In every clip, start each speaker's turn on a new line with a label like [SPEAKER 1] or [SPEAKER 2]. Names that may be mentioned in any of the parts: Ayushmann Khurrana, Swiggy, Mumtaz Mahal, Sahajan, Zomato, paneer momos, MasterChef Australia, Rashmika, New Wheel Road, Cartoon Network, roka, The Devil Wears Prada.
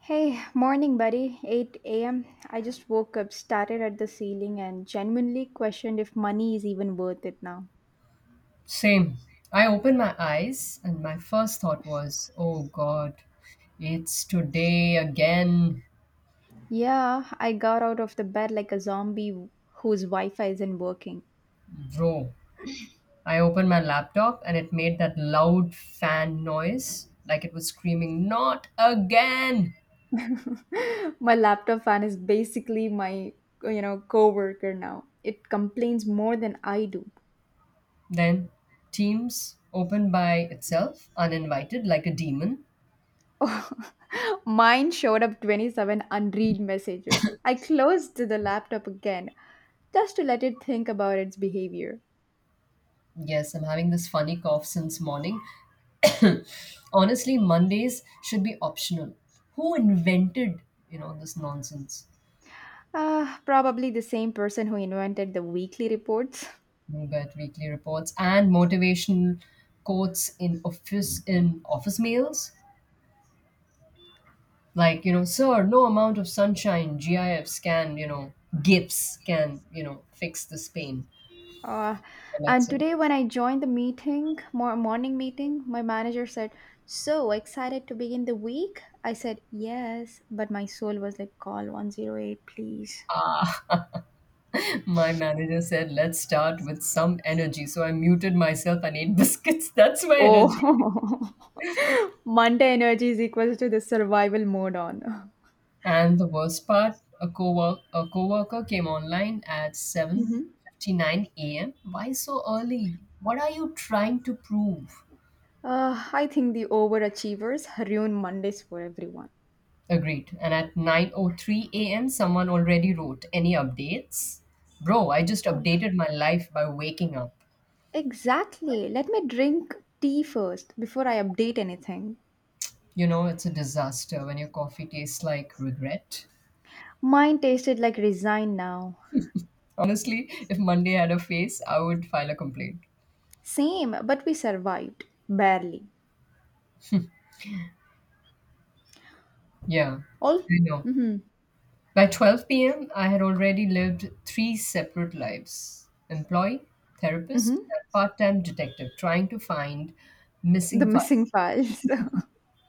[SPEAKER 1] Hey, morning, buddy. 8 a.m. I just woke up, stared at the ceiling, and genuinely questioned if money is even worth it now.
[SPEAKER 2] Same. I opened my eyes, and my first thought was, oh God, it's today again,
[SPEAKER 1] Yeah, I got out of the bed like a zombie whose Wi Fi isn't working.
[SPEAKER 2] bro. I opened my laptop, and it made that loud fan noise like it was screaming, not again.
[SPEAKER 1] My laptop fan is basically my, co worker now. It complains more than I do.
[SPEAKER 2] Then Teams opened by itself, uninvited, like a demon.
[SPEAKER 1] Mine showed up 27 unread messages. I closed the laptop again just to let it think about its behavior.
[SPEAKER 2] Yes, I'm having this funny cough since morning. Honestly, Mondays should be optional. Who invented, this nonsense?
[SPEAKER 1] Probably the same person who invented the weekly reports.
[SPEAKER 2] Newsbet weekly reports and motivational quotes in office mails, like, sir. No amount of sunshine GIFs can fix this pain.
[SPEAKER 1] Uh,
[SPEAKER 2] I like
[SPEAKER 1] and
[SPEAKER 2] so
[SPEAKER 1] today, when I joined the meeting, morning meeting, my manager said, so excited to begin the week? I said, yes, but my soul was like, call 108, please.
[SPEAKER 2] My manager said, let's start with some energy, so I muted myself and ate biscuits. That's my energy.
[SPEAKER 1] Oh, Monday energy is equal to the survival mode on.
[SPEAKER 2] And the worst part, a coworker came online at
[SPEAKER 1] Mhm.
[SPEAKER 2] 7:59 a.m. Why so early? What are you trying to prove?
[SPEAKER 1] I think the overachievers ruin Mondays for everyone.
[SPEAKER 2] Agreed. And at 9:03 a.m., someone already wrote, "Any updates?" Bro, I just updated my life by waking up.
[SPEAKER 1] Exactly. Let me drink tea first before I update anything.
[SPEAKER 2] You know, it's a disaster when your coffee tastes like regret.
[SPEAKER 1] Mine tasted like resign now.
[SPEAKER 2] Honestly, if Monday had a face, I would file a complaint.
[SPEAKER 1] Same, but we survived. Barely.
[SPEAKER 2] Yeah,
[SPEAKER 1] All.
[SPEAKER 2] I know.
[SPEAKER 1] Mm-hmm.
[SPEAKER 2] By 12 p.m., I had already lived three separate lives: employee, therapist,
[SPEAKER 1] Mm-hmm.
[SPEAKER 2] and part time detective, trying to find
[SPEAKER 1] The
[SPEAKER 2] missing files.
[SPEAKER 1] missing files.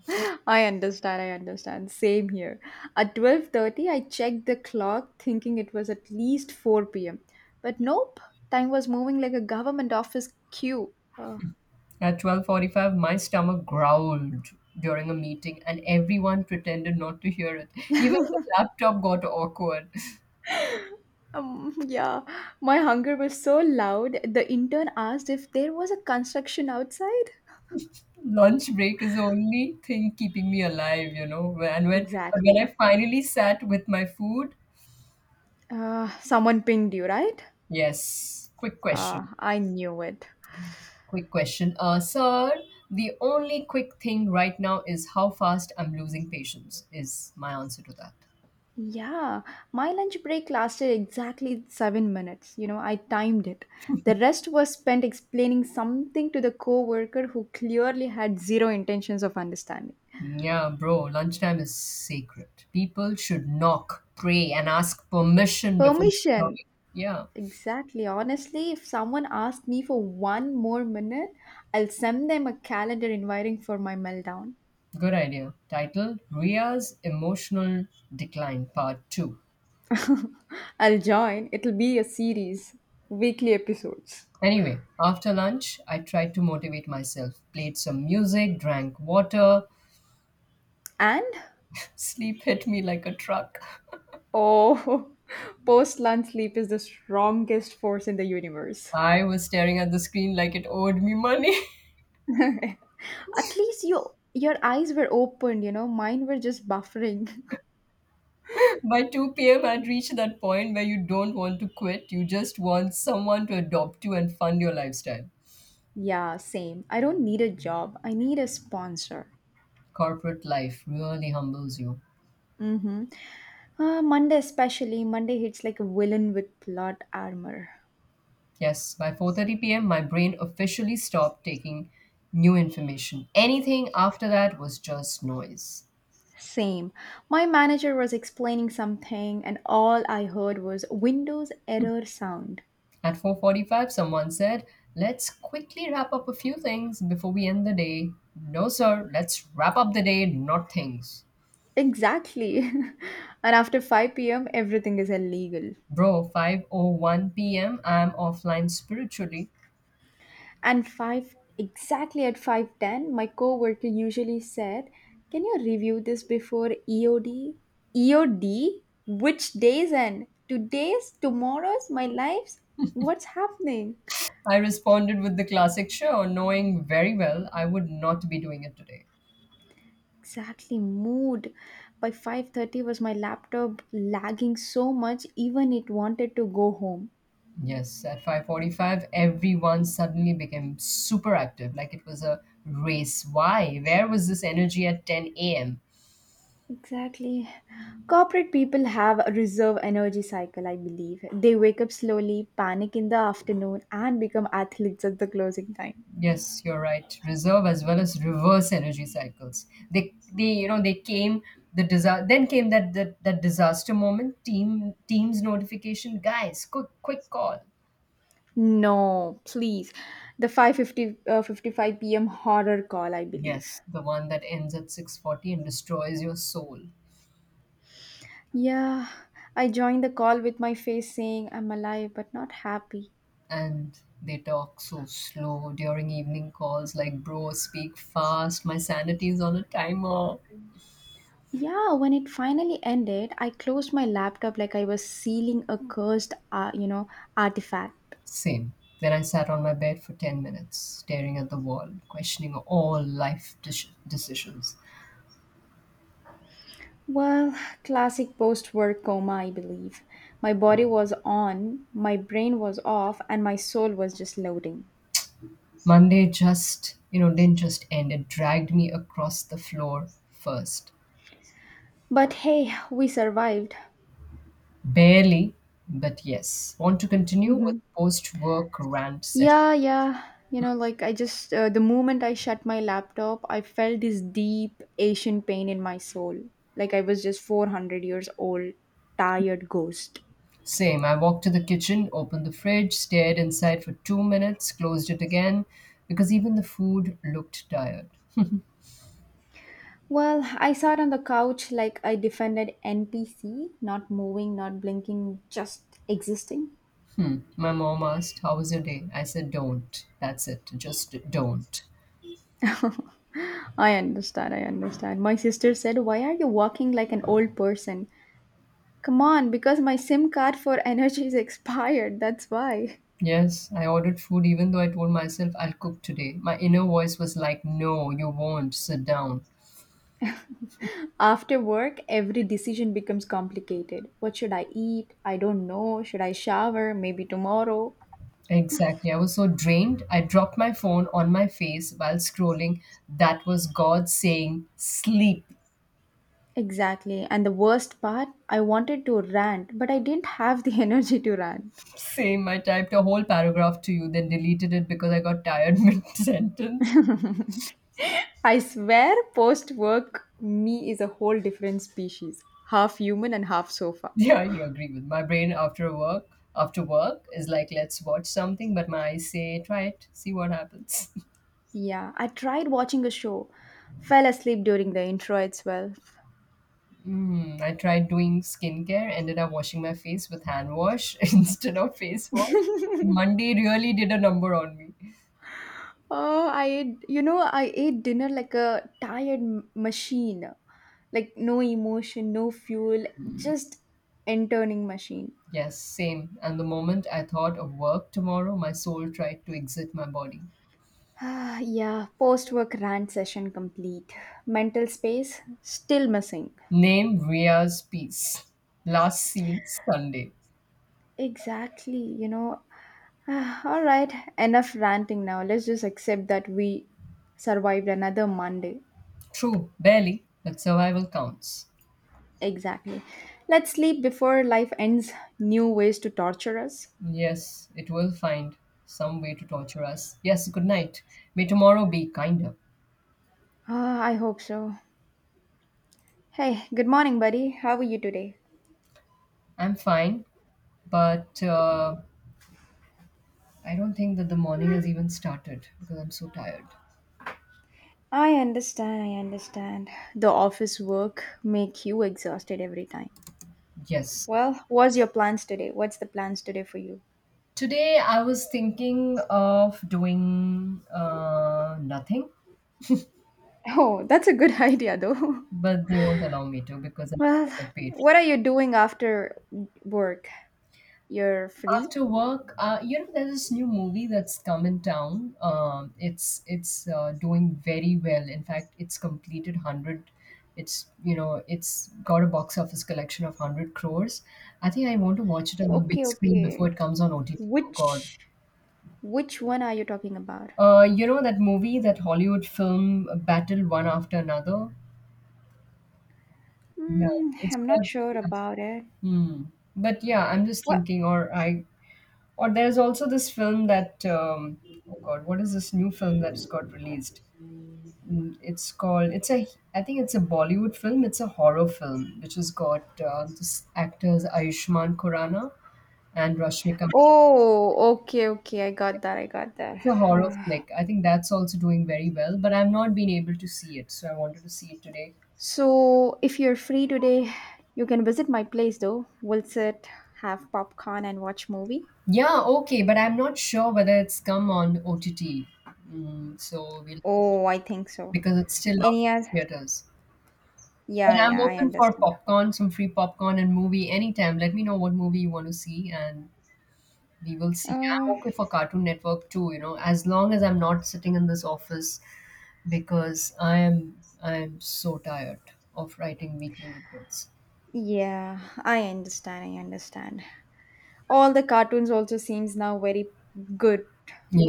[SPEAKER 1] I understand. I understand. Same here. At 12:30, I checked the clock thinking it was at least 4 p.m. But nope, time was moving like a government office queue. Ugh.
[SPEAKER 2] At 12:45, my stomach growled during a meeting and everyone pretended not to hear it. Even the laptop got awkward.
[SPEAKER 1] Yeah, my hunger was so loud. The intern asked if there was a construction outside.
[SPEAKER 2] Lunch break is the only thing keeping me alive. And when but when I
[SPEAKER 1] Exactly.
[SPEAKER 2] finally sat with my food,
[SPEAKER 1] Someone pinged you, right?
[SPEAKER 2] yes, quick question.
[SPEAKER 1] I knew it.
[SPEAKER 2] Quick question. Sir, the only quick thing right now is how fast I'm losing patience is my answer to that.
[SPEAKER 1] Yeah, my lunch break lasted exactly 7 minutes. I timed it. The rest was spent explaining something to the coworker who clearly had zero intentions of understanding.
[SPEAKER 2] Yeah, bro, lunchtime is sacred. People should knock, pray, and ask permission before
[SPEAKER 1] Permission.
[SPEAKER 2] disturbing. Yeah,
[SPEAKER 1] Exactly. Honestly, if someone asked me for one more minute, I'll send them a calendar inviting for my meltdown.
[SPEAKER 2] good idea. Title: Ria's Emotional Decline, Part 2.
[SPEAKER 1] I'll join. It'll be a series, weekly episodes.
[SPEAKER 2] Anyway, after lunch, I tried to motivate myself, played some music, drank water.
[SPEAKER 1] And
[SPEAKER 2] Sleep hit me like a truck.
[SPEAKER 1] oh, post lunch sleep is the strongest force in the universe.
[SPEAKER 2] I was staring at the screen like it owed me money.
[SPEAKER 1] At least your eyes were opened, mine were just buffering.
[SPEAKER 2] By 2 p.m., I'd reached that point where you don't want to quit, you just want someone to adopt you and fund your lifestyle.
[SPEAKER 1] Yeah, same. I don't need a job. I need a sponsor.
[SPEAKER 2] Corporate life really humbles you.
[SPEAKER 1] Mm-hmm. Monday, especially, Monday hits like a villain with plot armor.
[SPEAKER 2] Yes, by 4:30 p.m. my brain officially stopped taking new information. Anything after that was just noise.
[SPEAKER 1] Same. My manager was explaining something, and all I heard was Windows error sound.
[SPEAKER 2] At 4:45 someone said, "Let's quickly wrap up a few things before we end the day." No sir, let's wrap up the day, not things.
[SPEAKER 1] Exactly. And after 5 p.m., everything is illegal.
[SPEAKER 2] Bro, 5:01 p.m. I'm offline spiritually.
[SPEAKER 1] And 5 exactly at 5:10, my coworker usually said, "Can you review this before EOD?" EOD? Which days end? Today's, tomorrow's, my life's? What's happening?
[SPEAKER 2] I responded with the classic sure, knowing very well I would not be doing it today.
[SPEAKER 1] Exactly mood. By 5:30 was my laptop lagging so much, even it wanted to go home.
[SPEAKER 2] Yes, at 5:45, everyone suddenly became super active, like it was a race. Why? Where was this energy at 10 a.m.?
[SPEAKER 1] Exactly. Corporate people have a reserve energy cycle, I believe. They wake up slowly, panic in the afternoon, and become athletes at the closing time.
[SPEAKER 2] Yes, you're right. Reserve as well as reverse energy cycles. They came the disaster. Then came that disaster moment. Teams notification, guys, quick call.
[SPEAKER 1] No, please. The 550 55 p.m. horror call, I believe.
[SPEAKER 2] Yes, the one that ends at 6:40 and destroys your soul.
[SPEAKER 1] Yeah, I joined the call with my face saying I'm alive but not happy.
[SPEAKER 2] And they talk so slow during evening calls, like, bro, speak fast, my sanity is on a timer.
[SPEAKER 1] Yeah, when it finally ended, I closed my laptop like I was sealing a cursed, artifact.
[SPEAKER 2] Same. Then I sat on my bed for 10 minutes staring at the wall questioning all life decisions.
[SPEAKER 1] Well, classic post-work coma, I believe. My body was on, my brain was off, and my soul was just loading.
[SPEAKER 2] Monday just, didn't just end, it dragged me across the floor first.
[SPEAKER 1] But hey, we survived.
[SPEAKER 2] Barely. But yes, want to continue with
[SPEAKER 1] Hmm.
[SPEAKER 2] post work rant session?
[SPEAKER 1] Yeah, yeah. The moment I shut my laptop, I felt this deep Asian pain in my soul. Like I was just 400 years old, tired ghost.
[SPEAKER 2] Same. I walked to the kitchen, opened the fridge, stared inside for 2 minutes, closed it again because even the food looked tired.
[SPEAKER 1] Well, I sat on the couch like I defended NPC, not moving, not blinking, just existing.
[SPEAKER 2] Hmm. My mom asked, "How was your day?" I said, "Don't. That's it. Just don't."
[SPEAKER 1] I understand, I understand. My sister said, why are you walking like an old person? Come on, because my SIM card for energy is expired, that's why.
[SPEAKER 2] Yes, I ordered food even though I told myself I'll cook today. My inner voice was like, "No, you won't. Sit down."
[SPEAKER 1] After work, every decision becomes complicated. What should I eat? I don't know. Should I shower? Maybe tomorrow.
[SPEAKER 2] Exactly. I was so drained. I dropped my phone on my face while scrolling. That was God saying, "Sleep."
[SPEAKER 1] Exactly. And the worst part, I wanted to rant, but I didn't have the energy to rant.
[SPEAKER 2] Same, I typed a whole paragraph to you, then deleted it because I got tired mid sentence.
[SPEAKER 1] I swear, post work me is a whole different species, half human and half sofa.
[SPEAKER 2] Yeah, you agree with my brain after work. After work is like, let's watch something, but my eyes say, try it, see what happens.
[SPEAKER 1] Yeah, I tried watching a show, fell asleep during the intro itself.
[SPEAKER 2] I tried doing skincare, ended up washing my face with hand wash instead of face wash. Monday really did a number on me.
[SPEAKER 1] Oh, I ate, I ate dinner like a tired machine, like no emotion, no fuel, just interning machine.
[SPEAKER 2] Yes, same. And the moment I thought of work tomorrow, my soul tried to exit my body.
[SPEAKER 1] Ah, yeah, post work rant session complete. Mental space still missing.
[SPEAKER 2] Name: Ria's piece. Last seen Sunday.
[SPEAKER 1] Exactly, ah, all right, enough ranting now. Let's just accept that we survived another Monday.
[SPEAKER 2] True, barely, but survival counts.
[SPEAKER 1] Exactly. Let's sleep before life ends new ways to torture us.
[SPEAKER 2] Yes, it will find some way to torture us. Yes, good night. May tomorrow be kinder.
[SPEAKER 1] Ah, I hope so. Hey, good morning, buddy. How are you today?
[SPEAKER 2] I'm fine, but I don't think that the morning has even started because I'm so tired.
[SPEAKER 1] I understand, I understand. The office work make you exhausted every time.
[SPEAKER 2] Yes.
[SPEAKER 1] Well, what's your plans today? What's the plans today for you?
[SPEAKER 2] Today I was thinking of doing nothing,
[SPEAKER 1] Oh, that's a good idea though.
[SPEAKER 2] but they won't allow me to because
[SPEAKER 1] Well,
[SPEAKER 2] I'm paid.
[SPEAKER 1] what are you doing after work? You're free?
[SPEAKER 2] After work, there's this new movie that's come in town. It's doing very well. In fact, it's completed hundred. It's got a box office collection of 100 crores. I think I want to watch it on the big
[SPEAKER 1] Okay,
[SPEAKER 2] screen before
[SPEAKER 1] okay.
[SPEAKER 2] it comes on OTT. Oh God!
[SPEAKER 1] Which which one are you talking about?
[SPEAKER 2] You know that movie, that Hollywood film, Battle One After Another. Yeah,
[SPEAKER 1] Hmm,
[SPEAKER 2] it's
[SPEAKER 1] I'm not
[SPEAKER 2] called.
[SPEAKER 1] sure
[SPEAKER 2] Yeah.
[SPEAKER 1] about it.
[SPEAKER 2] Hmm. But yeah, I'm just
[SPEAKER 1] What?
[SPEAKER 2] thinking, or there's also this film that oh god, what is this new film that's got released? Mm, It's called it's a I think it's a Bollywood film. It's a horror film which has got this actors Ayushmann Khurrana and Rashmika.
[SPEAKER 1] Oh, okay, okay. I got that. I got that.
[SPEAKER 2] It's a horror
[SPEAKER 1] Ah.
[SPEAKER 2] flick. I think that's also doing very well, but I've not been able to see it, so I wanted to see it today.
[SPEAKER 1] So, if you're free today, you can visit my place though. We'll sit, have popcorn and watch movie.
[SPEAKER 2] Yeah, okay, but I'm not sure whether it's come on OTT. Mm, so we'll
[SPEAKER 1] Oh, I think so.
[SPEAKER 2] Because it's still out
[SPEAKER 1] Any oth-
[SPEAKER 2] in theaters. But
[SPEAKER 1] yeah,
[SPEAKER 2] I'm
[SPEAKER 1] yeah, I
[SPEAKER 2] open for
[SPEAKER 1] understand.
[SPEAKER 2] popcorn, some free popcorn and movie anytime. Let me know what movie you want to see and we will see.
[SPEAKER 1] Uh,
[SPEAKER 2] I'm okay for Cartoon Network too, as long as I'm not sitting in this office because I am so tired of writing weekly reports.
[SPEAKER 1] yeah, I understand. I understand. All the cartoons also seems now very good.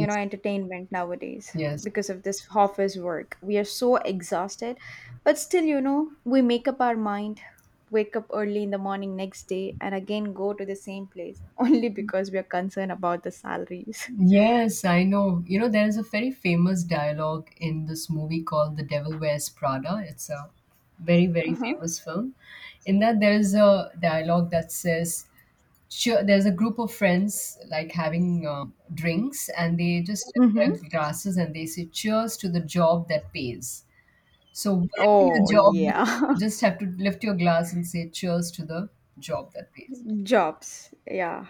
[SPEAKER 1] You know entertainment nowadays,
[SPEAKER 2] yes.
[SPEAKER 1] because of this office work we are so exhausted, but still, we make up our mind, wake up early in the morning next day, and again go to the same place only because we are concerned about the salaries.
[SPEAKER 2] Yes, I know. You know, there is a very famous dialogue in this movie called The Devil Wears Prada. It's a very, very
[SPEAKER 1] Uh-huh.
[SPEAKER 2] famous film. In that, there is a dialogue that says, sure, there's a group of friends, like, having drinks, and they just
[SPEAKER 1] Mm-hmm.
[SPEAKER 2] lift their glasses and they say, cheers to the job that pays. So whatever your
[SPEAKER 1] Oh
[SPEAKER 2] job may
[SPEAKER 1] yeah.
[SPEAKER 2] be, you just have to lift your glass and say cheers to the job that pays.
[SPEAKER 1] Jobs, yeah.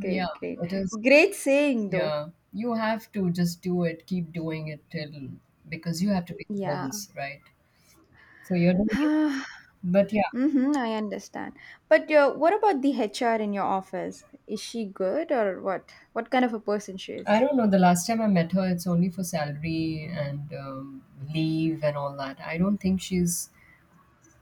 [SPEAKER 1] Great,
[SPEAKER 2] Yeah,
[SPEAKER 1] great.
[SPEAKER 2] it is.
[SPEAKER 1] Great saying though.
[SPEAKER 2] Yeah, you have to just do it, keep doing it till, because you have to pay the
[SPEAKER 1] Yeah.
[SPEAKER 2] bills, right? So you're doing it. But yeah,
[SPEAKER 1] Mm-hmm, I understand. But what about the HR in your office? Is she good or what? What kind of a person she
[SPEAKER 2] I
[SPEAKER 1] is?
[SPEAKER 2] don't know. The last time I met her, it's only for salary and leave and all that. I don't think she's...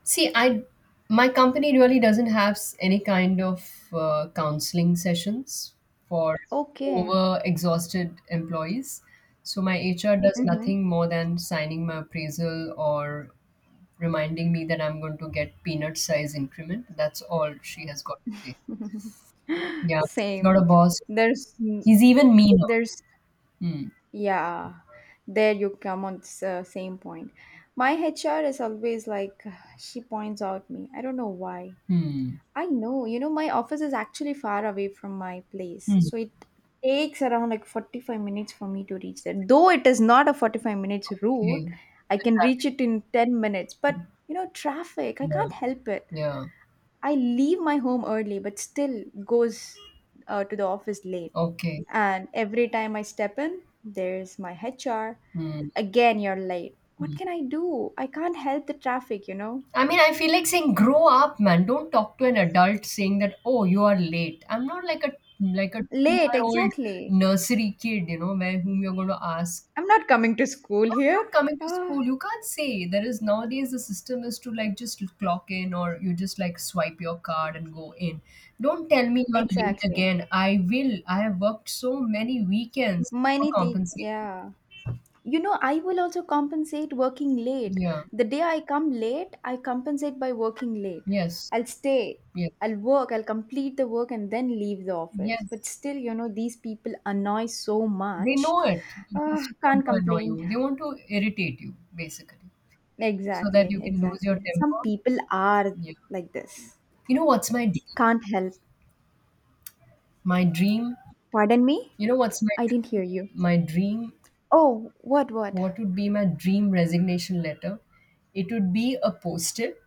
[SPEAKER 2] See, I my company really doesn't have any kind of counseling sessions for
[SPEAKER 1] Okay.
[SPEAKER 2] over exhausted employees. So my HR does
[SPEAKER 1] Mm-hmm.
[SPEAKER 2] nothing more than signing my appraisal or reminding me that I'm going to get peanut size increment. That's all she has got to say. Yeah, she's got
[SPEAKER 1] Same.
[SPEAKER 2] a boss.
[SPEAKER 1] There's
[SPEAKER 2] He's even meaner.
[SPEAKER 1] there's
[SPEAKER 2] Hmm.
[SPEAKER 1] Yeah. There you come on same point. My HR is always like she points out me. I don't know why.
[SPEAKER 2] Hmm.
[SPEAKER 1] I know, my office is actually far away from my place.
[SPEAKER 2] Hmm.
[SPEAKER 1] So it takes around like 45 minutes for me to reach there. Though it is not a 45 minutes route,
[SPEAKER 2] Okay.
[SPEAKER 1] I can reach it in 10 minutes. But, traffic, I
[SPEAKER 2] Yeah.
[SPEAKER 1] can't help it.
[SPEAKER 2] Yeah.
[SPEAKER 1] I leave my home early, but still goes to the office late.
[SPEAKER 2] Okay.
[SPEAKER 1] And every time I step in, there's my HR.
[SPEAKER 2] Hmm.
[SPEAKER 1] Again, you're late. What
[SPEAKER 2] Hmm.
[SPEAKER 1] can I do? I can't help the traffic, you know?
[SPEAKER 2] I mean, I feel like saying, grow up, man. Don't talk to an adult saying that, oh, you are late. I'm not like a
[SPEAKER 1] Late,
[SPEAKER 2] 2-year-old
[SPEAKER 1] exactly.
[SPEAKER 2] nursery kid, where whom you're gonna ask.
[SPEAKER 1] I'm not coming to school here.
[SPEAKER 2] Not coming to
[SPEAKER 1] Ah,
[SPEAKER 2] school. You can't say. There is nowadays the system is to like just clock in or you just like swipe your card and go in. Don't tell me you're late
[SPEAKER 1] exactly.
[SPEAKER 2] again. I will. I have worked so many weekends for
[SPEAKER 1] Many things,
[SPEAKER 2] compensating.
[SPEAKER 1] yeah. You know, I will also compensate working late.
[SPEAKER 2] Yeah.
[SPEAKER 1] The day I come late, I compensate by working late.
[SPEAKER 2] Yes.
[SPEAKER 1] I'll stay,
[SPEAKER 2] Yes.
[SPEAKER 1] I'll work, I'll complete the work and then leave the office. But
[SPEAKER 2] Yes.
[SPEAKER 1] still, these people annoy so
[SPEAKER 2] They
[SPEAKER 1] much.
[SPEAKER 2] know it. They
[SPEAKER 1] Ah,
[SPEAKER 2] just want
[SPEAKER 1] can't
[SPEAKER 2] to annoy
[SPEAKER 1] complain.
[SPEAKER 2] you. They want to irritate you, basically, so that
[SPEAKER 1] Exactly,
[SPEAKER 2] you can lose your
[SPEAKER 1] exactly. Some
[SPEAKER 2] temper.
[SPEAKER 1] people are
[SPEAKER 2] Yeah.
[SPEAKER 1] like this.
[SPEAKER 2] You know what's my dream?
[SPEAKER 1] Can't help.
[SPEAKER 2] My dream.
[SPEAKER 1] Pardon me?
[SPEAKER 2] You know what's my
[SPEAKER 1] I didn't
[SPEAKER 2] dream?
[SPEAKER 1] hear you.
[SPEAKER 2] My dream.
[SPEAKER 1] Oh, what, what?
[SPEAKER 2] What would be my dream resignation letter? It would be a post-it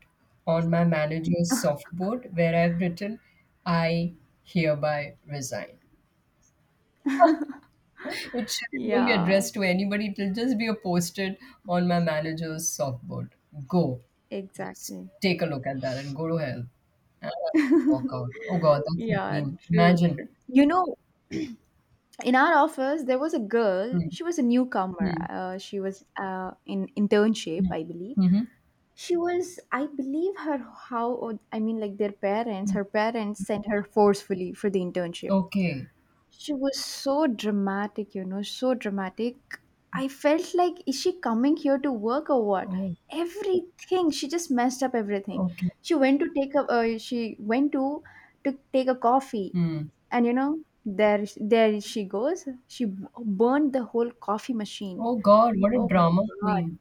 [SPEAKER 2] on my manager's softboard where I've written, "I hereby resign." It won't be
[SPEAKER 1] Yeah.
[SPEAKER 2] addressed to anybody. It'll just be a posted on my manager's softboard. Go. Just
[SPEAKER 1] Exactly.
[SPEAKER 2] take a look at that and go to hell. And I'll just walk out. Oh God, that's a
[SPEAKER 1] Yeah,
[SPEAKER 2] dream.
[SPEAKER 1] true,
[SPEAKER 2] Imagine.
[SPEAKER 1] true. In our office, there was a girl.
[SPEAKER 2] Hmm.
[SPEAKER 1] She was a newcomer.
[SPEAKER 2] Hmm.
[SPEAKER 1] She was in internship, I believe.
[SPEAKER 2] Mm-hmm.
[SPEAKER 1] She was, I believe, her how I mean, like their parents. Her parents sent her forcefully for the internship.
[SPEAKER 2] Okay.
[SPEAKER 1] She was so dramatic, so dramatic. I felt like, is she coming here to work or what?
[SPEAKER 2] Oh,
[SPEAKER 1] Everything. She just messed up everything.
[SPEAKER 2] okay.
[SPEAKER 1] She went to take a, she went to take a coffee,
[SPEAKER 2] Hmm.
[SPEAKER 1] and there she goes. She burned the whole coffee machine.
[SPEAKER 2] Oh God, what a
[SPEAKER 1] Oh my
[SPEAKER 2] drama
[SPEAKER 1] God.
[SPEAKER 2] queen.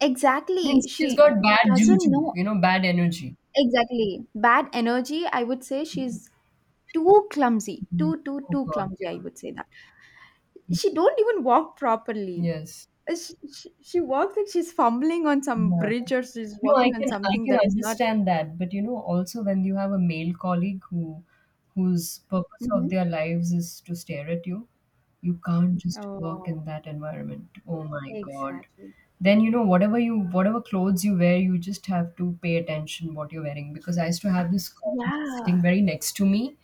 [SPEAKER 1] Exactly.
[SPEAKER 2] Means she's
[SPEAKER 1] She
[SPEAKER 2] got bad
[SPEAKER 1] doesn't
[SPEAKER 2] juju,
[SPEAKER 1] know
[SPEAKER 2] you know, bad energy.
[SPEAKER 1] exactly. Bad energy, I would say she's too clumsy.
[SPEAKER 2] Mhm. Oh
[SPEAKER 1] Too
[SPEAKER 2] God,
[SPEAKER 1] clumsy, I
[SPEAKER 2] yeah.
[SPEAKER 1] would say that. She don't even walk properly.
[SPEAKER 2] Yes.
[SPEAKER 1] She walks like she's fumbling on some
[SPEAKER 2] Yeah.
[SPEAKER 1] bridge, or she's
[SPEAKER 2] No, I
[SPEAKER 1] walking on
[SPEAKER 2] can I
[SPEAKER 1] something
[SPEAKER 2] can
[SPEAKER 1] that is not.
[SPEAKER 2] understand that, but also when you have a male colleague whose purpose of
[SPEAKER 1] Mhm.
[SPEAKER 2] their lives is to stare at you, you can't just work
[SPEAKER 1] Oh,
[SPEAKER 2] in that environment. Oh my God.
[SPEAKER 1] exactly.
[SPEAKER 2] Then whatever you whatever clothes you wear, you just have to pay attention what you're wearing. Because I used to have this colleague sitting
[SPEAKER 1] Yeah.
[SPEAKER 2] very next to me.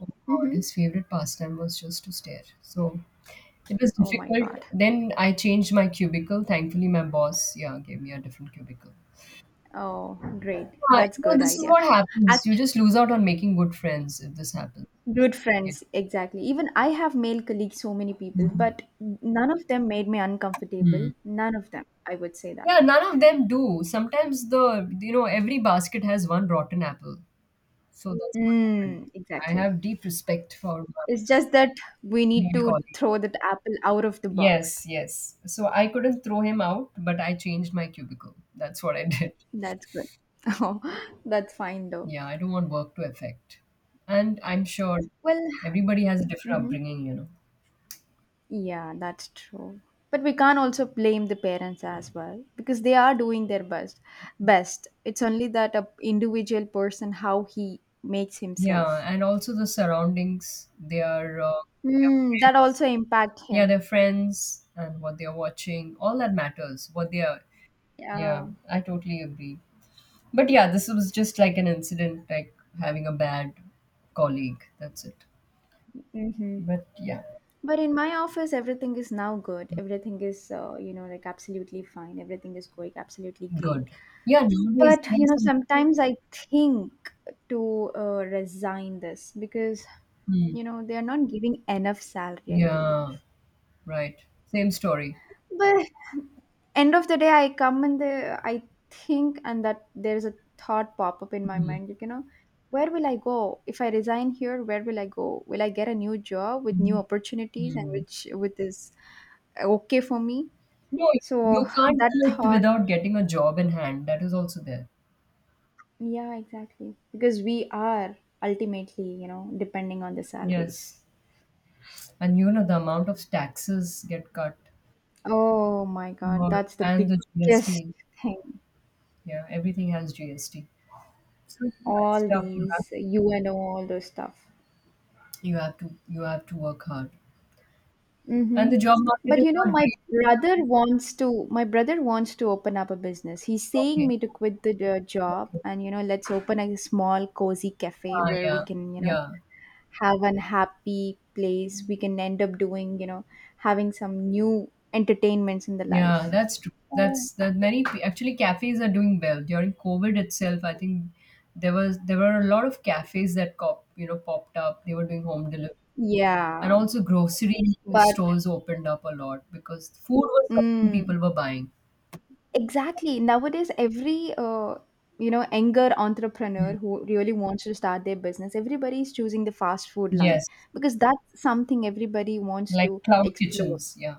[SPEAKER 2] Oh God, his
[SPEAKER 1] Hmm.
[SPEAKER 2] favorite pastime was just to stare. So it was
[SPEAKER 1] Oh my
[SPEAKER 2] difficult.
[SPEAKER 1] God.
[SPEAKER 2] Then I changed my cubicle. Thankfully, my boss, yeah, gave me a different cubicle.
[SPEAKER 1] Oh, great.
[SPEAKER 2] Yeah,
[SPEAKER 1] That's good
[SPEAKER 2] this is
[SPEAKER 1] idea.
[SPEAKER 2] what happens. You
[SPEAKER 1] Actually,
[SPEAKER 2] just lose out on making good friends if this happens.
[SPEAKER 1] good
[SPEAKER 2] Yeah.
[SPEAKER 1] friends, exactly. Even I have male colleagues, so many people,
[SPEAKER 2] Mhm.
[SPEAKER 1] but none of them made me
[SPEAKER 2] Hmm.
[SPEAKER 1] uncomfortable. None of them. I would say that.
[SPEAKER 2] Yeah, none of them do. Sometimes every basket has one rotten apple. So that's what happened.
[SPEAKER 1] Mm,
[SPEAKER 2] I
[SPEAKER 1] exactly.
[SPEAKER 2] have deep respect for my
[SPEAKER 1] It's just that we need
[SPEAKER 2] male
[SPEAKER 1] to
[SPEAKER 2] colleague.
[SPEAKER 1] throw that apple out of the
[SPEAKER 2] Yes,
[SPEAKER 1] box.
[SPEAKER 2] yes. So I couldn't throw him out, but I changed my cubicle. That's what I did.
[SPEAKER 1] That's good. Oh, that's fine though.
[SPEAKER 2] Yeah, I don't want work to affect. And I'm sure
[SPEAKER 1] Well,
[SPEAKER 2] everybody has a different
[SPEAKER 1] mhm.
[SPEAKER 2] upbringing.
[SPEAKER 1] Yeah, that's true. But we can't also blame the parents as well because they are doing their best. Best. It's only that a individual person how he makes
[SPEAKER 2] Yeah,
[SPEAKER 1] himself.
[SPEAKER 2] and also the surroundings, their
[SPEAKER 1] Mm, that
[SPEAKER 2] friends,
[SPEAKER 1] also impact
[SPEAKER 2] yeah,
[SPEAKER 1] him.
[SPEAKER 2] their friends, and what they are watching, all that matters. What they are, yeah,
[SPEAKER 1] Yeah.
[SPEAKER 2] I totally agree. But yeah, this was just like an incident, like having a bad colleague. That's it.
[SPEAKER 1] Mm-hmm.
[SPEAKER 2] But yeah,
[SPEAKER 1] But in my office, everything is now good. Everything is, like absolutely fine. Everything is going absolutely great.
[SPEAKER 2] good. Yeah, nowadays
[SPEAKER 1] But
[SPEAKER 2] they have some.
[SPEAKER 1] sometimes I think to resign this because
[SPEAKER 2] Hmm,
[SPEAKER 1] you know, they are not giving enough salary, I
[SPEAKER 2] yeah,
[SPEAKER 1] believe,
[SPEAKER 2] right. Same story.
[SPEAKER 1] but end of the day, I come and the I think, and that there's a thought pop up in my
[SPEAKER 2] Hmm,
[SPEAKER 1] mind. Like, where will I go if I resign here? Where will I go? Will I get a new job with new
[SPEAKER 2] mhm,
[SPEAKER 1] opportunities, and
[SPEAKER 2] hmm.
[SPEAKER 1] which with this okay for me?
[SPEAKER 2] No, you
[SPEAKER 1] So
[SPEAKER 2] can't
[SPEAKER 1] that
[SPEAKER 2] quit
[SPEAKER 1] thought.
[SPEAKER 2] without getting a job in hand. That is also there.
[SPEAKER 1] Yeah, exactly. Because we are ultimately, depending on the
[SPEAKER 2] Yes.
[SPEAKER 1] salaries.
[SPEAKER 2] And you know, the amount of taxes get cut
[SPEAKER 1] Oh my God,
[SPEAKER 2] or,
[SPEAKER 1] that's the
[SPEAKER 2] and the
[SPEAKER 1] biggest
[SPEAKER 2] GST.
[SPEAKER 1] thing.
[SPEAKER 2] Yeah, everything has GST. So yeah, it's
[SPEAKER 1] All
[SPEAKER 2] tough. You have
[SPEAKER 1] these UNO, all those stuff.
[SPEAKER 2] you have to you have to work hard. And the
[SPEAKER 1] Mm-hmm.
[SPEAKER 2] job market
[SPEAKER 1] But
[SPEAKER 2] is not
[SPEAKER 1] my
[SPEAKER 2] great.
[SPEAKER 1] brother wants to. My brother wants to open up a business. He's saying
[SPEAKER 2] Okay.
[SPEAKER 1] me to quit the job,
[SPEAKER 2] Okay.
[SPEAKER 1] and let's open a small cozy cafe
[SPEAKER 2] Ah,
[SPEAKER 1] where we
[SPEAKER 2] yeah.
[SPEAKER 1] can,
[SPEAKER 2] Yeah.
[SPEAKER 1] have an happy place. We can end up doing, having some new entertainments in the
[SPEAKER 2] Yeah,
[SPEAKER 1] life.
[SPEAKER 2] that's true.
[SPEAKER 1] Uh,
[SPEAKER 2] That's that many pe- Actually, cafes are doing well. During COVID itself, I think there were a lot of cafes that popped up. They were doing home delivery. And
[SPEAKER 1] yeah,
[SPEAKER 2] also grocery
[SPEAKER 1] but
[SPEAKER 2] stores opened up a lot because food was something
[SPEAKER 1] mm,
[SPEAKER 2] people were buying.
[SPEAKER 1] exactly. Nowadays, every younger entrepreneur who really wants to start their business, everybody is choosing the fast food line
[SPEAKER 2] Yes.
[SPEAKER 1] because that's something everybody wants
[SPEAKER 2] Like
[SPEAKER 1] to
[SPEAKER 2] cloud
[SPEAKER 1] explore.
[SPEAKER 2] kitchens. Yeah.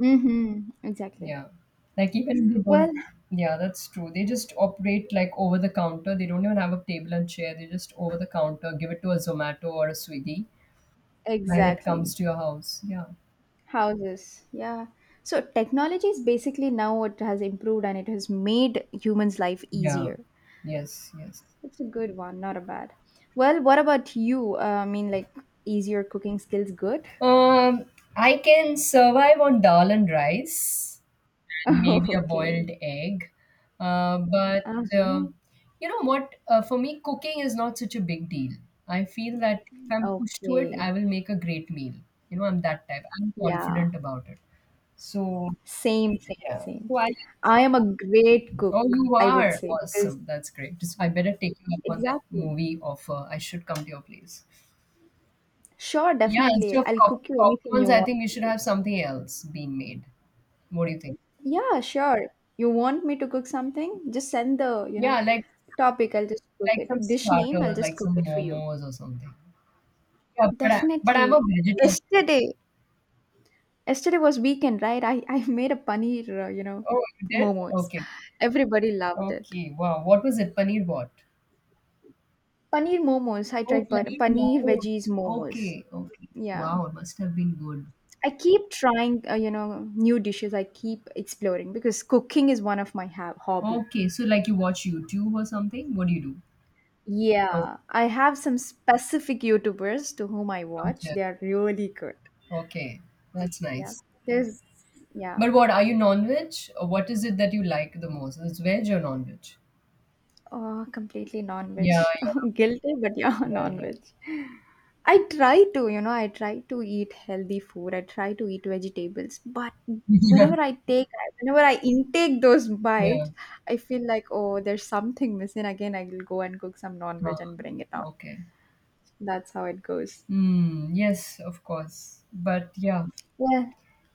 [SPEAKER 1] Mm-hmm, exactly.
[SPEAKER 2] Yeah. Like even they
[SPEAKER 1] Well,
[SPEAKER 2] don't, yeah, that's true. They just operate like over the counter. They don't even have a table and chair. They just over the counter give it to a Zomato or a Swiggy and it comes
[SPEAKER 1] exactly.
[SPEAKER 2] to your house. Yeah.
[SPEAKER 1] Houses, yeah. So technology is basically now what has improved, and it has made humans' life
[SPEAKER 2] Yeah.
[SPEAKER 1] easier.
[SPEAKER 2] Yes, yes.
[SPEAKER 1] It's a good one, not a bad. Well, what about you? Is your cooking skills good?
[SPEAKER 2] Um I can survive on dal and rice, and maybe a
[SPEAKER 1] Okay.
[SPEAKER 2] boiled egg. But
[SPEAKER 1] Uh-huh.
[SPEAKER 2] you know what? For me, cooking is not such a big deal. I feel that if I'm pushed to it,
[SPEAKER 1] Okay.
[SPEAKER 2] I will make a great meal. You know, I'm that type. I'm
[SPEAKER 1] Yeah.
[SPEAKER 2] confident about it. So
[SPEAKER 1] Same, same,
[SPEAKER 2] yeah.
[SPEAKER 1] same.
[SPEAKER 2] So I,
[SPEAKER 1] I am a great
[SPEAKER 2] oh
[SPEAKER 1] cook,
[SPEAKER 2] you
[SPEAKER 1] I would
[SPEAKER 2] are
[SPEAKER 1] say, because
[SPEAKER 2] awesome. That's great. So I better take you up on that
[SPEAKER 1] exactly.
[SPEAKER 2] movie offer. I should come to your place.
[SPEAKER 1] Sure,
[SPEAKER 2] Yeah,
[SPEAKER 1] definitely.
[SPEAKER 2] instead of
[SPEAKER 1] I'll cook you anything
[SPEAKER 2] popcorns,
[SPEAKER 1] you
[SPEAKER 2] I
[SPEAKER 1] want
[SPEAKER 2] think we
[SPEAKER 1] me
[SPEAKER 2] should
[SPEAKER 1] to.
[SPEAKER 2] have something else being made. What do you think?
[SPEAKER 1] Yeah, sure. You want me to cook something? Just send the, you
[SPEAKER 2] Yeah,
[SPEAKER 1] know, topic. I'll just cook
[SPEAKER 2] like
[SPEAKER 1] it.
[SPEAKER 2] some
[SPEAKER 1] Dish name, I'll
[SPEAKER 2] starters,
[SPEAKER 1] just
[SPEAKER 2] like
[SPEAKER 1] cook
[SPEAKER 2] some
[SPEAKER 1] it for you.
[SPEAKER 2] momos or something. But I'm a
[SPEAKER 1] Definitely.
[SPEAKER 2] vegetarian.
[SPEAKER 1] Yesterday, Yesterday was weekend, right? I made a paneer
[SPEAKER 2] Oh, you did?
[SPEAKER 1] momos.
[SPEAKER 2] Okay.
[SPEAKER 1] Everybody loved it.
[SPEAKER 2] Okay. Wow. What was it? Paneer what?
[SPEAKER 1] Paneer momos. I
[SPEAKER 2] Oh,
[SPEAKER 1] tried
[SPEAKER 2] paneer
[SPEAKER 1] paneer veggies
[SPEAKER 2] momos.
[SPEAKER 1] momos.
[SPEAKER 2] Okay. Okay.
[SPEAKER 1] Yeah.
[SPEAKER 2] Wow. It must have been good.
[SPEAKER 1] I keep trying, new dishes. I keep exploring because cooking is one of my hobby.
[SPEAKER 2] Okay. So, like, you watch YouTube or something? What do you do? Oh,
[SPEAKER 1] Yeah, I have some specific YouTubers to whom I
[SPEAKER 2] from
[SPEAKER 1] watch.
[SPEAKER 2] Turkey.
[SPEAKER 1] They are really good.
[SPEAKER 2] Okay. That's
[SPEAKER 1] Yeah,
[SPEAKER 2] nice.
[SPEAKER 1] there's yeah,
[SPEAKER 2] But what are you, non-veg? Or what is it that you like the most? Is it veg or non-veg?
[SPEAKER 1] oh, completely non-veg.
[SPEAKER 2] Yeah.
[SPEAKER 1] Guilty, but yeah,
[SPEAKER 2] Yeah. Yeah.
[SPEAKER 1] non-veg. I try to, I try to eat healthy food. I try to eat vegetables, but
[SPEAKER 2] Yeah.
[SPEAKER 1] whenever I take, whenever I intake those
[SPEAKER 2] Yeah.
[SPEAKER 1] bites, I feel like, oh, there's something missing. Again, I will go and cook some
[SPEAKER 2] Uh,
[SPEAKER 1] non-veg and bring it on.
[SPEAKER 2] okay.
[SPEAKER 1] That's how it goes.
[SPEAKER 2] Hmm. Yes, of course. But yeah.
[SPEAKER 1] Yeah.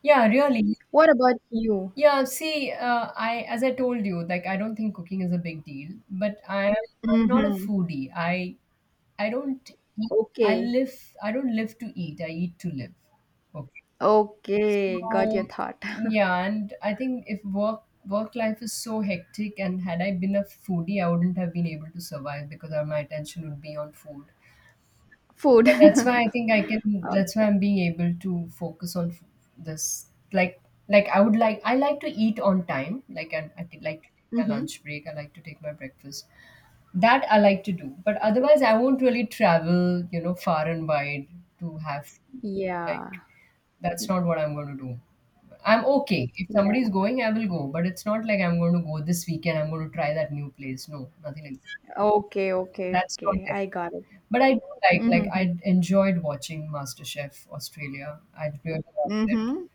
[SPEAKER 2] Yeah, really.
[SPEAKER 1] What about you?
[SPEAKER 2] I as I told you, like I don't think cooking is a big deal, but I am, I'm not a
[SPEAKER 1] Mm-hmm.
[SPEAKER 2] foodie. I don't eat. I
[SPEAKER 1] Okay.
[SPEAKER 2] live. I don't live to eat. I eat to live. Okay.
[SPEAKER 1] Okay. Got
[SPEAKER 2] So
[SPEAKER 1] your thought.
[SPEAKER 2] yeah, and I think if work life is so hectic, and had I been a foodie, I wouldn't have been able to survive because my attention would be on food.
[SPEAKER 1] Food.
[SPEAKER 2] But that's why I think I can. That's why
[SPEAKER 1] Okay.
[SPEAKER 2] I'm being able to focus on this. Like, like, I would like. I like to eat on time. Like to take my
[SPEAKER 1] Mm-hmm.
[SPEAKER 2] lunch break. I like to take my breakfast. That I like to do. But otherwise, I won't really travel. You know, far and wide to have food. Like,
[SPEAKER 1] Yeah.
[SPEAKER 2] that's not what I'm going to do. I'm okay. If somebody's
[SPEAKER 1] Yeah.
[SPEAKER 2] going, I will go. But it's not like I'm going to go this weekend. I'm going to try that new place. No, nothing like that.
[SPEAKER 1] Okay. Okay.
[SPEAKER 2] That's not
[SPEAKER 1] Okay. I got it.
[SPEAKER 2] there. But I do like
[SPEAKER 1] Mm-hmm.
[SPEAKER 2] I enjoyed watching MasterChef Australia. I really loved it.
[SPEAKER 1] Mm-hmm.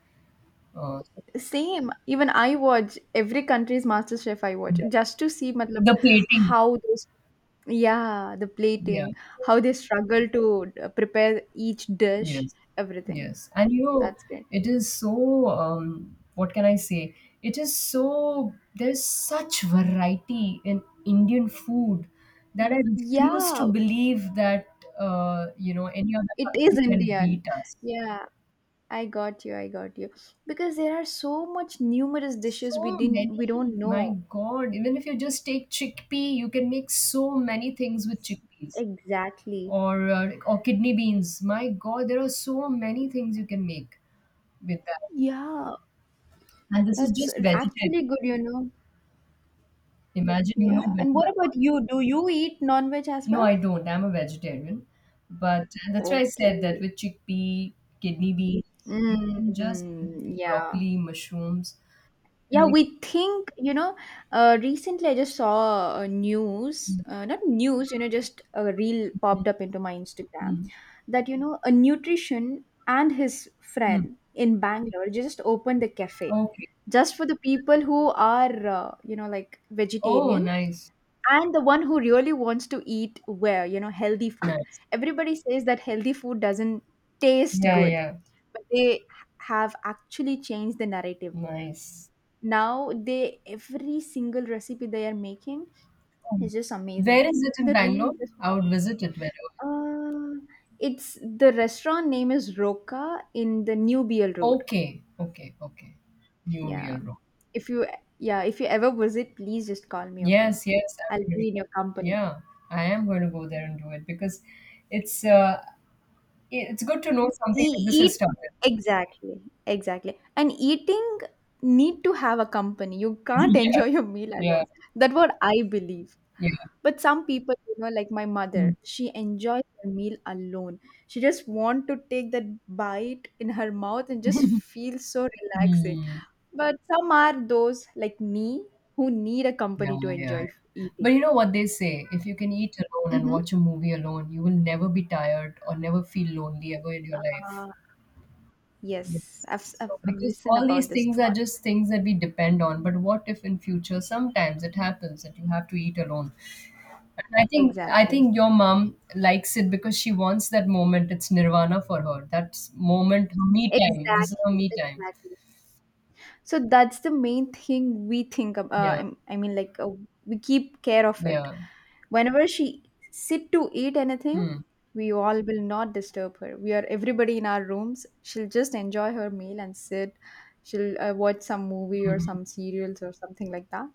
[SPEAKER 2] Uh,
[SPEAKER 1] Same. Even I watch every country's Master Chef, I watch
[SPEAKER 2] yeah,
[SPEAKER 1] just to see matlab,
[SPEAKER 2] the plating,
[SPEAKER 1] how those yeah, the
[SPEAKER 2] yeah,
[SPEAKER 1] plating, how they struggle to prepare each dish,
[SPEAKER 2] yes,
[SPEAKER 1] everything.
[SPEAKER 2] yes, and you know,
[SPEAKER 1] That's great.
[SPEAKER 2] it is so. What can I say? It is so. There's such variety in Indian food that I refuse to
[SPEAKER 1] Yeah,
[SPEAKER 2] believe that you know any other
[SPEAKER 1] it
[SPEAKER 2] country
[SPEAKER 1] is
[SPEAKER 2] can
[SPEAKER 1] Indian.
[SPEAKER 2] beat us.
[SPEAKER 1] Yeah, I got you. I got you. Because there are so much numerous dishes we
[SPEAKER 2] So
[SPEAKER 1] didn't we
[SPEAKER 2] many,
[SPEAKER 1] don't
[SPEAKER 2] my
[SPEAKER 1] know.
[SPEAKER 2] God. Even if you just take chickpea, you can make so many things with chickpeas,
[SPEAKER 1] Exactly.
[SPEAKER 2] or kidney beans. My God, there are so many things you can make with that.
[SPEAKER 1] Yeah,
[SPEAKER 2] And this is
[SPEAKER 1] that's
[SPEAKER 2] just vegetarian.
[SPEAKER 1] actually good, you know.
[SPEAKER 2] Imagine, you know
[SPEAKER 1] Yeah.
[SPEAKER 2] better
[SPEAKER 1] And
[SPEAKER 2] than
[SPEAKER 1] what
[SPEAKER 2] all.
[SPEAKER 1] about you? Do you eat non-veg as
[SPEAKER 2] No, I
[SPEAKER 1] well?
[SPEAKER 2] don't. I'm a vegetarian. But that's why I said that
[SPEAKER 1] Okay.
[SPEAKER 2] with chickpea, kidney beans, you can just
[SPEAKER 1] Mm, yeah.
[SPEAKER 2] broccoli, mushrooms.
[SPEAKER 1] Yeah,
[SPEAKER 2] Make,
[SPEAKER 1] we think, you know, recently I just saw a news,
[SPEAKER 2] mm,
[SPEAKER 1] not news, you know, just a reel popped up into my Instagram
[SPEAKER 2] mm,
[SPEAKER 1] that, you know, a nutrition and his
[SPEAKER 2] mm.
[SPEAKER 1] friend in Bangalore just opened a cafe
[SPEAKER 2] Okay.
[SPEAKER 1] just for the people who are, you know, like
[SPEAKER 2] Oh,
[SPEAKER 1] vegetarian,
[SPEAKER 2] nice.
[SPEAKER 1] and the one who really wants to eat where you know healthy food.
[SPEAKER 2] Nice.
[SPEAKER 1] Everybody says that healthy food doesn't taste
[SPEAKER 2] Yeah,
[SPEAKER 1] good,
[SPEAKER 2] yeah.
[SPEAKER 1] but they have actually changed the narrative.
[SPEAKER 2] Nice.
[SPEAKER 1] Now they every single recipe they are making
[SPEAKER 2] Oh.
[SPEAKER 1] is just
[SPEAKER 2] Where
[SPEAKER 1] amazing.
[SPEAKER 2] is it in
[SPEAKER 1] The real
[SPEAKER 2] Bangalore?
[SPEAKER 1] just
[SPEAKER 2] I would visit it whenever.
[SPEAKER 1] uh, it's The restaurant name is roka in the new bl road.
[SPEAKER 2] Okay, okay, okay. New
[SPEAKER 1] yeah
[SPEAKER 2] Wheel Road.
[SPEAKER 1] if you yeah, if you ever visit, please just call me, okay?
[SPEAKER 2] Yes, yes,
[SPEAKER 1] I'll
[SPEAKER 2] I'm really
[SPEAKER 1] be in
[SPEAKER 2] well.
[SPEAKER 1] your company.
[SPEAKER 2] Yeah, I am going to go there and do it because it's uh, it's good to know something like
[SPEAKER 1] E-
[SPEAKER 2] this
[SPEAKER 1] eat
[SPEAKER 2] has started.
[SPEAKER 1] exactly Exactly, and eating need to have a company. You can't
[SPEAKER 2] Yeah,
[SPEAKER 1] enjoy your meal
[SPEAKER 2] yeah,
[SPEAKER 1] alone. That what I believe.
[SPEAKER 2] yeah.
[SPEAKER 1] But some people you know, like my mother,
[SPEAKER 2] Mm.
[SPEAKER 1] she enjoys her meal alone. She just want to take that bite in her mouth and just feel so relaxing.
[SPEAKER 2] Mm.
[SPEAKER 1] But some are those like me who need a
[SPEAKER 2] Yeah,
[SPEAKER 1] company to
[SPEAKER 2] yeah, yeah.
[SPEAKER 1] enjoy
[SPEAKER 2] But
[SPEAKER 1] eating.
[SPEAKER 2] you know what they say? If you can eat alone and
[SPEAKER 1] hmm
[SPEAKER 2] watch a movie alone, you will never be tired or never feel lonely ever in your life.
[SPEAKER 1] uh, yes,
[SPEAKER 2] Yes. So
[SPEAKER 1] I've
[SPEAKER 2] because
[SPEAKER 1] listened
[SPEAKER 2] all these
[SPEAKER 1] about this
[SPEAKER 2] things are
[SPEAKER 1] thought
[SPEAKER 2] just things that we depend on, but what if in future sometimes it happens that you have to eat alone? And I think I
[SPEAKER 1] exactly.
[SPEAKER 2] think your mom likes it because she wants that moment. It's nirvana for her. That's moment her me time. This is her
[SPEAKER 1] Exactly,
[SPEAKER 2] me time.
[SPEAKER 1] exactly. So that's the main thing we think of.
[SPEAKER 2] Yeah.
[SPEAKER 1] We keep care of it.
[SPEAKER 2] Yeah.
[SPEAKER 1] Whenever she sit to eat anything,
[SPEAKER 2] Hmm.
[SPEAKER 1] we all will not disturb her. We are everybody in our rooms. She'll just enjoy her meal and sit. She'll watch some movie or
[SPEAKER 2] Mhm.
[SPEAKER 1] some serials or something like that.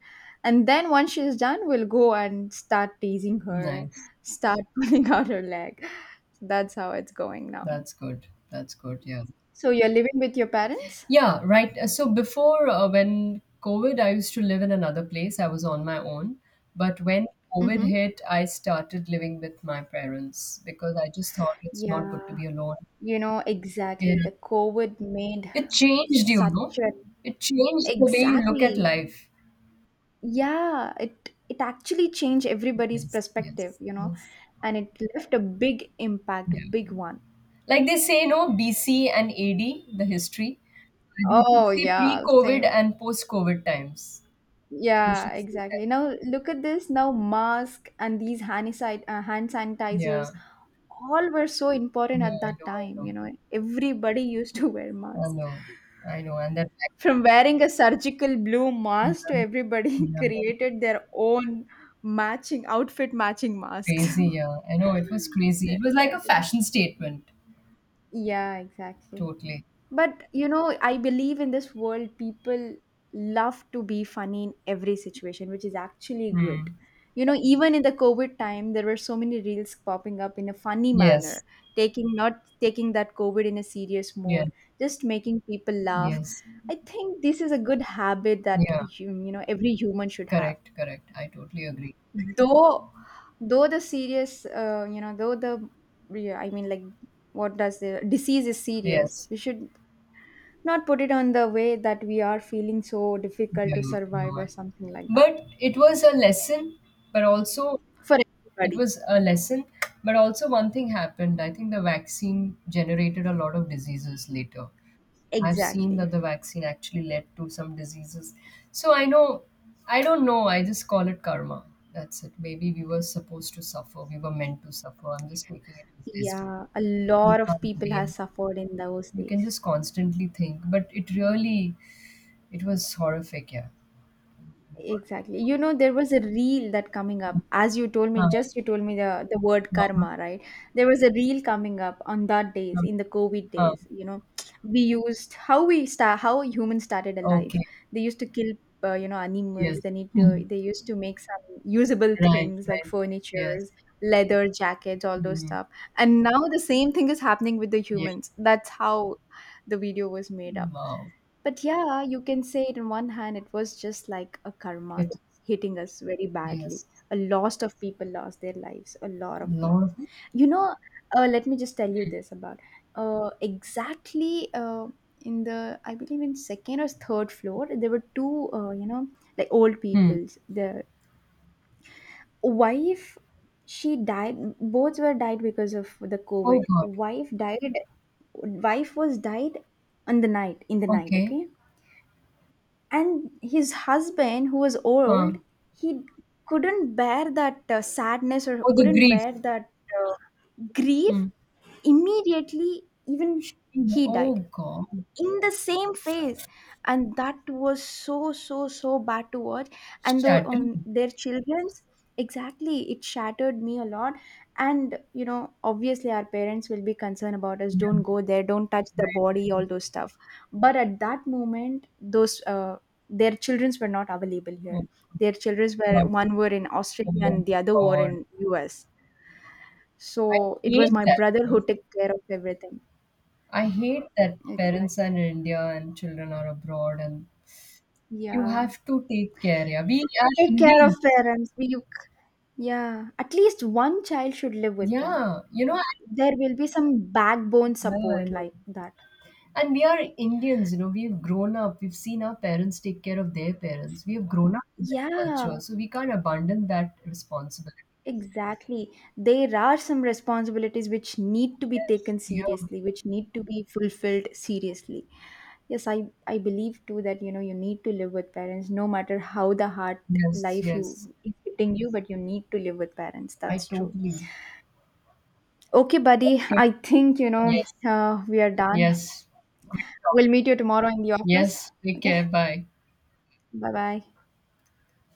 [SPEAKER 1] And then once she's done, we'll go and start teasing her,
[SPEAKER 2] Nice.
[SPEAKER 1] start pulling out her leg. So that's how it's going now.
[SPEAKER 2] That's good. That's good. Yeah.
[SPEAKER 1] So you're living with your parents?
[SPEAKER 2] Yeah, right. So before when COVID, I used to live in another place. I was on my own. But when COVID
[SPEAKER 1] Mm-hmm.
[SPEAKER 2] hit, I started living with my parents because I just thought it's not
[SPEAKER 1] Yeah,
[SPEAKER 2] good to be alone.
[SPEAKER 1] you know,
[SPEAKER 2] Yeah.
[SPEAKER 1] exactly. The COVID made
[SPEAKER 2] It changed, you
[SPEAKER 1] such
[SPEAKER 2] know.
[SPEAKER 1] a
[SPEAKER 2] It changed the way you look at
[SPEAKER 1] exactly.
[SPEAKER 2] life.
[SPEAKER 1] Yeah, it actually changed everybody's
[SPEAKER 2] Yes,
[SPEAKER 1] perspective,
[SPEAKER 2] yes,
[SPEAKER 1] you know,
[SPEAKER 2] yes.
[SPEAKER 1] and it left a big impact, a
[SPEAKER 2] Yeah.
[SPEAKER 1] big one.
[SPEAKER 2] Like they say, no, BC and AD, the history. They should
[SPEAKER 1] Oh
[SPEAKER 2] say pre
[SPEAKER 1] yeah,
[SPEAKER 2] COVID
[SPEAKER 1] same.
[SPEAKER 2] and post COVID times. They
[SPEAKER 1] Yeah,
[SPEAKER 2] should say that.
[SPEAKER 1] exactly. Now look at this. Now mask and these hand sanitizers
[SPEAKER 2] Yeah,
[SPEAKER 1] all were so important
[SPEAKER 2] yeah,
[SPEAKER 1] at
[SPEAKER 2] I
[SPEAKER 1] that
[SPEAKER 2] know,
[SPEAKER 1] time,
[SPEAKER 2] I
[SPEAKER 1] you
[SPEAKER 2] know.
[SPEAKER 1] know. Everybody used to wear
[SPEAKER 2] I
[SPEAKER 1] mask.
[SPEAKER 2] know, I know, and that
[SPEAKER 1] From wearing a surgical blue mask
[SPEAKER 2] yeah,
[SPEAKER 1] to everybody
[SPEAKER 2] yeah,
[SPEAKER 1] created their own matching outfit matching masks.
[SPEAKER 2] crazy, yeah. I know it was crazy.
[SPEAKER 1] Yeah,
[SPEAKER 2] It was like a
[SPEAKER 1] exactly.
[SPEAKER 2] fashion statement,
[SPEAKER 1] Yeah, exactly.
[SPEAKER 2] totally.
[SPEAKER 1] But you know, I believe in this world, people love to be funny in every situation, which is actually good.
[SPEAKER 2] Hmm.
[SPEAKER 1] You know, even in the COVID time, there were so many reels popping up in a funny
[SPEAKER 2] Yes,
[SPEAKER 1] manner, taking not taking that COVID in a serious
[SPEAKER 2] yes,
[SPEAKER 1] mode, just making people laugh.
[SPEAKER 2] yes,
[SPEAKER 1] I think this is a good habit that
[SPEAKER 2] yeah.
[SPEAKER 1] you know every human should have.
[SPEAKER 2] Correct, correct. I totally agree.
[SPEAKER 1] Though, though the serious, you know, though the, yeah, I mean, like, what does the disease is serious?
[SPEAKER 2] Yes,
[SPEAKER 1] We should not put it on the way that we are feeling so difficult
[SPEAKER 2] yeah, I
[SPEAKER 1] to survive
[SPEAKER 2] know. I
[SPEAKER 1] or
[SPEAKER 2] know.
[SPEAKER 1] something like that
[SPEAKER 2] But it was a lesson, but also
[SPEAKER 1] for
[SPEAKER 2] it
[SPEAKER 1] everybody.
[SPEAKER 2] was a lesson. But also one thing happened. I think the vaccine generated a lot of diseases later. I've seen
[SPEAKER 1] Exactly.
[SPEAKER 2] that the vaccine actually led to some diseases. So I know, I don't know. I just call it karma. That's it. Maybe we were supposed to suffer. We were meant to suffer. I'm just taking it as destiny.
[SPEAKER 1] Yeah, a
[SPEAKER 2] You
[SPEAKER 1] lot of
[SPEAKER 2] can't
[SPEAKER 1] people has
[SPEAKER 2] blame.
[SPEAKER 1] suffered in those
[SPEAKER 2] You can
[SPEAKER 1] days.
[SPEAKER 2] just constantly think. But it really, it was horrific. Yeah.
[SPEAKER 1] Exactly. You know, there was a reel that coming up. As you told me,
[SPEAKER 2] Huh,
[SPEAKER 1] just you told me the word
[SPEAKER 2] huh,
[SPEAKER 1] karma, right? There was a reel coming up on that days,
[SPEAKER 2] huh,
[SPEAKER 1] in the COVID
[SPEAKER 2] huh.
[SPEAKER 1] days, you know. We used how we start how humans started a life.
[SPEAKER 2] Okay.
[SPEAKER 1] They used to kill you know
[SPEAKER 2] Yes.
[SPEAKER 1] animals.
[SPEAKER 2] Mhm.
[SPEAKER 1] They used to make some usable
[SPEAKER 2] Right.
[SPEAKER 1] things like
[SPEAKER 2] Right. Yes.
[SPEAKER 1] furnitures, leather jackets, all those
[SPEAKER 2] Mm-hmm.
[SPEAKER 1] stuff. And now the same thing is happening with the
[SPEAKER 2] Yeah.
[SPEAKER 1] humans. That's how the video was made up.
[SPEAKER 2] Wow.
[SPEAKER 1] But yeah, you can say it on one hand, it was just like a karma
[SPEAKER 2] It.
[SPEAKER 1] hitting us very badly.
[SPEAKER 2] Yes.
[SPEAKER 1] A lot of people lost their lives, a lot of
[SPEAKER 2] Lot
[SPEAKER 1] people.
[SPEAKER 2] of.
[SPEAKER 1] You know, let me just tell you this about uh, exactly uh, in the, I believe in second or third floor, there were two, you know, like old
[SPEAKER 2] Hmm.
[SPEAKER 1] peoples. The wife, she died, both were died because of the
[SPEAKER 2] Oh
[SPEAKER 1] COVID.
[SPEAKER 2] God.
[SPEAKER 1] Wife died, wife was died on the night, in the night,
[SPEAKER 2] Okay.
[SPEAKER 1] okay? And his husband who was
[SPEAKER 2] Huh.
[SPEAKER 1] old, he couldn't bear that sadness or
[SPEAKER 2] Oh, the
[SPEAKER 1] couldn't
[SPEAKER 2] grief.
[SPEAKER 1] bear that uh, grief.
[SPEAKER 2] Hmm.
[SPEAKER 1] Immediately even he
[SPEAKER 2] Oh
[SPEAKER 1] died
[SPEAKER 2] God,
[SPEAKER 1] in the same phase, and that was so so so bad to watch, and though
[SPEAKER 2] shattering.
[SPEAKER 1] on their children's exactly. It shattered me a lot. And you know obviously our parents will be concerned about us, don't
[SPEAKER 2] Yeah.
[SPEAKER 1] go there, don't touch the body, all those stuff. But at that moment, those their children's were not available here.
[SPEAKER 2] Oh
[SPEAKER 1] Their children's, were
[SPEAKER 2] God.
[SPEAKER 1] one were in Australia
[SPEAKER 2] Oh
[SPEAKER 1] and the other were
[SPEAKER 2] God.
[SPEAKER 1] in US.
[SPEAKER 2] I
[SPEAKER 1] So it was
[SPEAKER 2] hate
[SPEAKER 1] my
[SPEAKER 2] that.
[SPEAKER 1] brother
[SPEAKER 2] You know?
[SPEAKER 1] who took care of everything.
[SPEAKER 2] I hate that parents are
[SPEAKER 1] Exactly,
[SPEAKER 2] in India and children are abroad, and you
[SPEAKER 1] yeah.
[SPEAKER 2] have to take care. Yeah, we are
[SPEAKER 1] Take care of
[SPEAKER 2] Indians.
[SPEAKER 1] parents. You, yeah, at least one child should live with them.
[SPEAKER 2] Yeah, you know. I-
[SPEAKER 1] There will be some backbone
[SPEAKER 2] yeah, I
[SPEAKER 1] support
[SPEAKER 2] know.
[SPEAKER 1] like that.
[SPEAKER 2] And we are Indians. You know, we've grown up. We've seen our parents take care of their parents. We have grown up in
[SPEAKER 1] Yeah,
[SPEAKER 2] that culture, so we can't abandon that responsibility.
[SPEAKER 1] exactly. There are some responsibilities which need to be
[SPEAKER 2] Yes.
[SPEAKER 1] taken
[SPEAKER 2] Yeah.
[SPEAKER 1] seriously, which need to be fulfilled seriously. Yes, I believe too that you know you need to live with parents no matter how the hard
[SPEAKER 2] Yes,
[SPEAKER 1] life you
[SPEAKER 2] yes.
[SPEAKER 1] is hitting you, but you need to live with parents.
[SPEAKER 2] I
[SPEAKER 1] That's true.
[SPEAKER 2] totally.
[SPEAKER 1] Okay, buddy,
[SPEAKER 2] Okay.
[SPEAKER 1] I think you know
[SPEAKER 2] Yes,
[SPEAKER 1] we are done.
[SPEAKER 2] yes. Great talk.
[SPEAKER 1] We'll meet you tomorrow in the office.
[SPEAKER 2] Yes, take
[SPEAKER 1] Okay.
[SPEAKER 2] care. Bye.
[SPEAKER 1] Bye bye.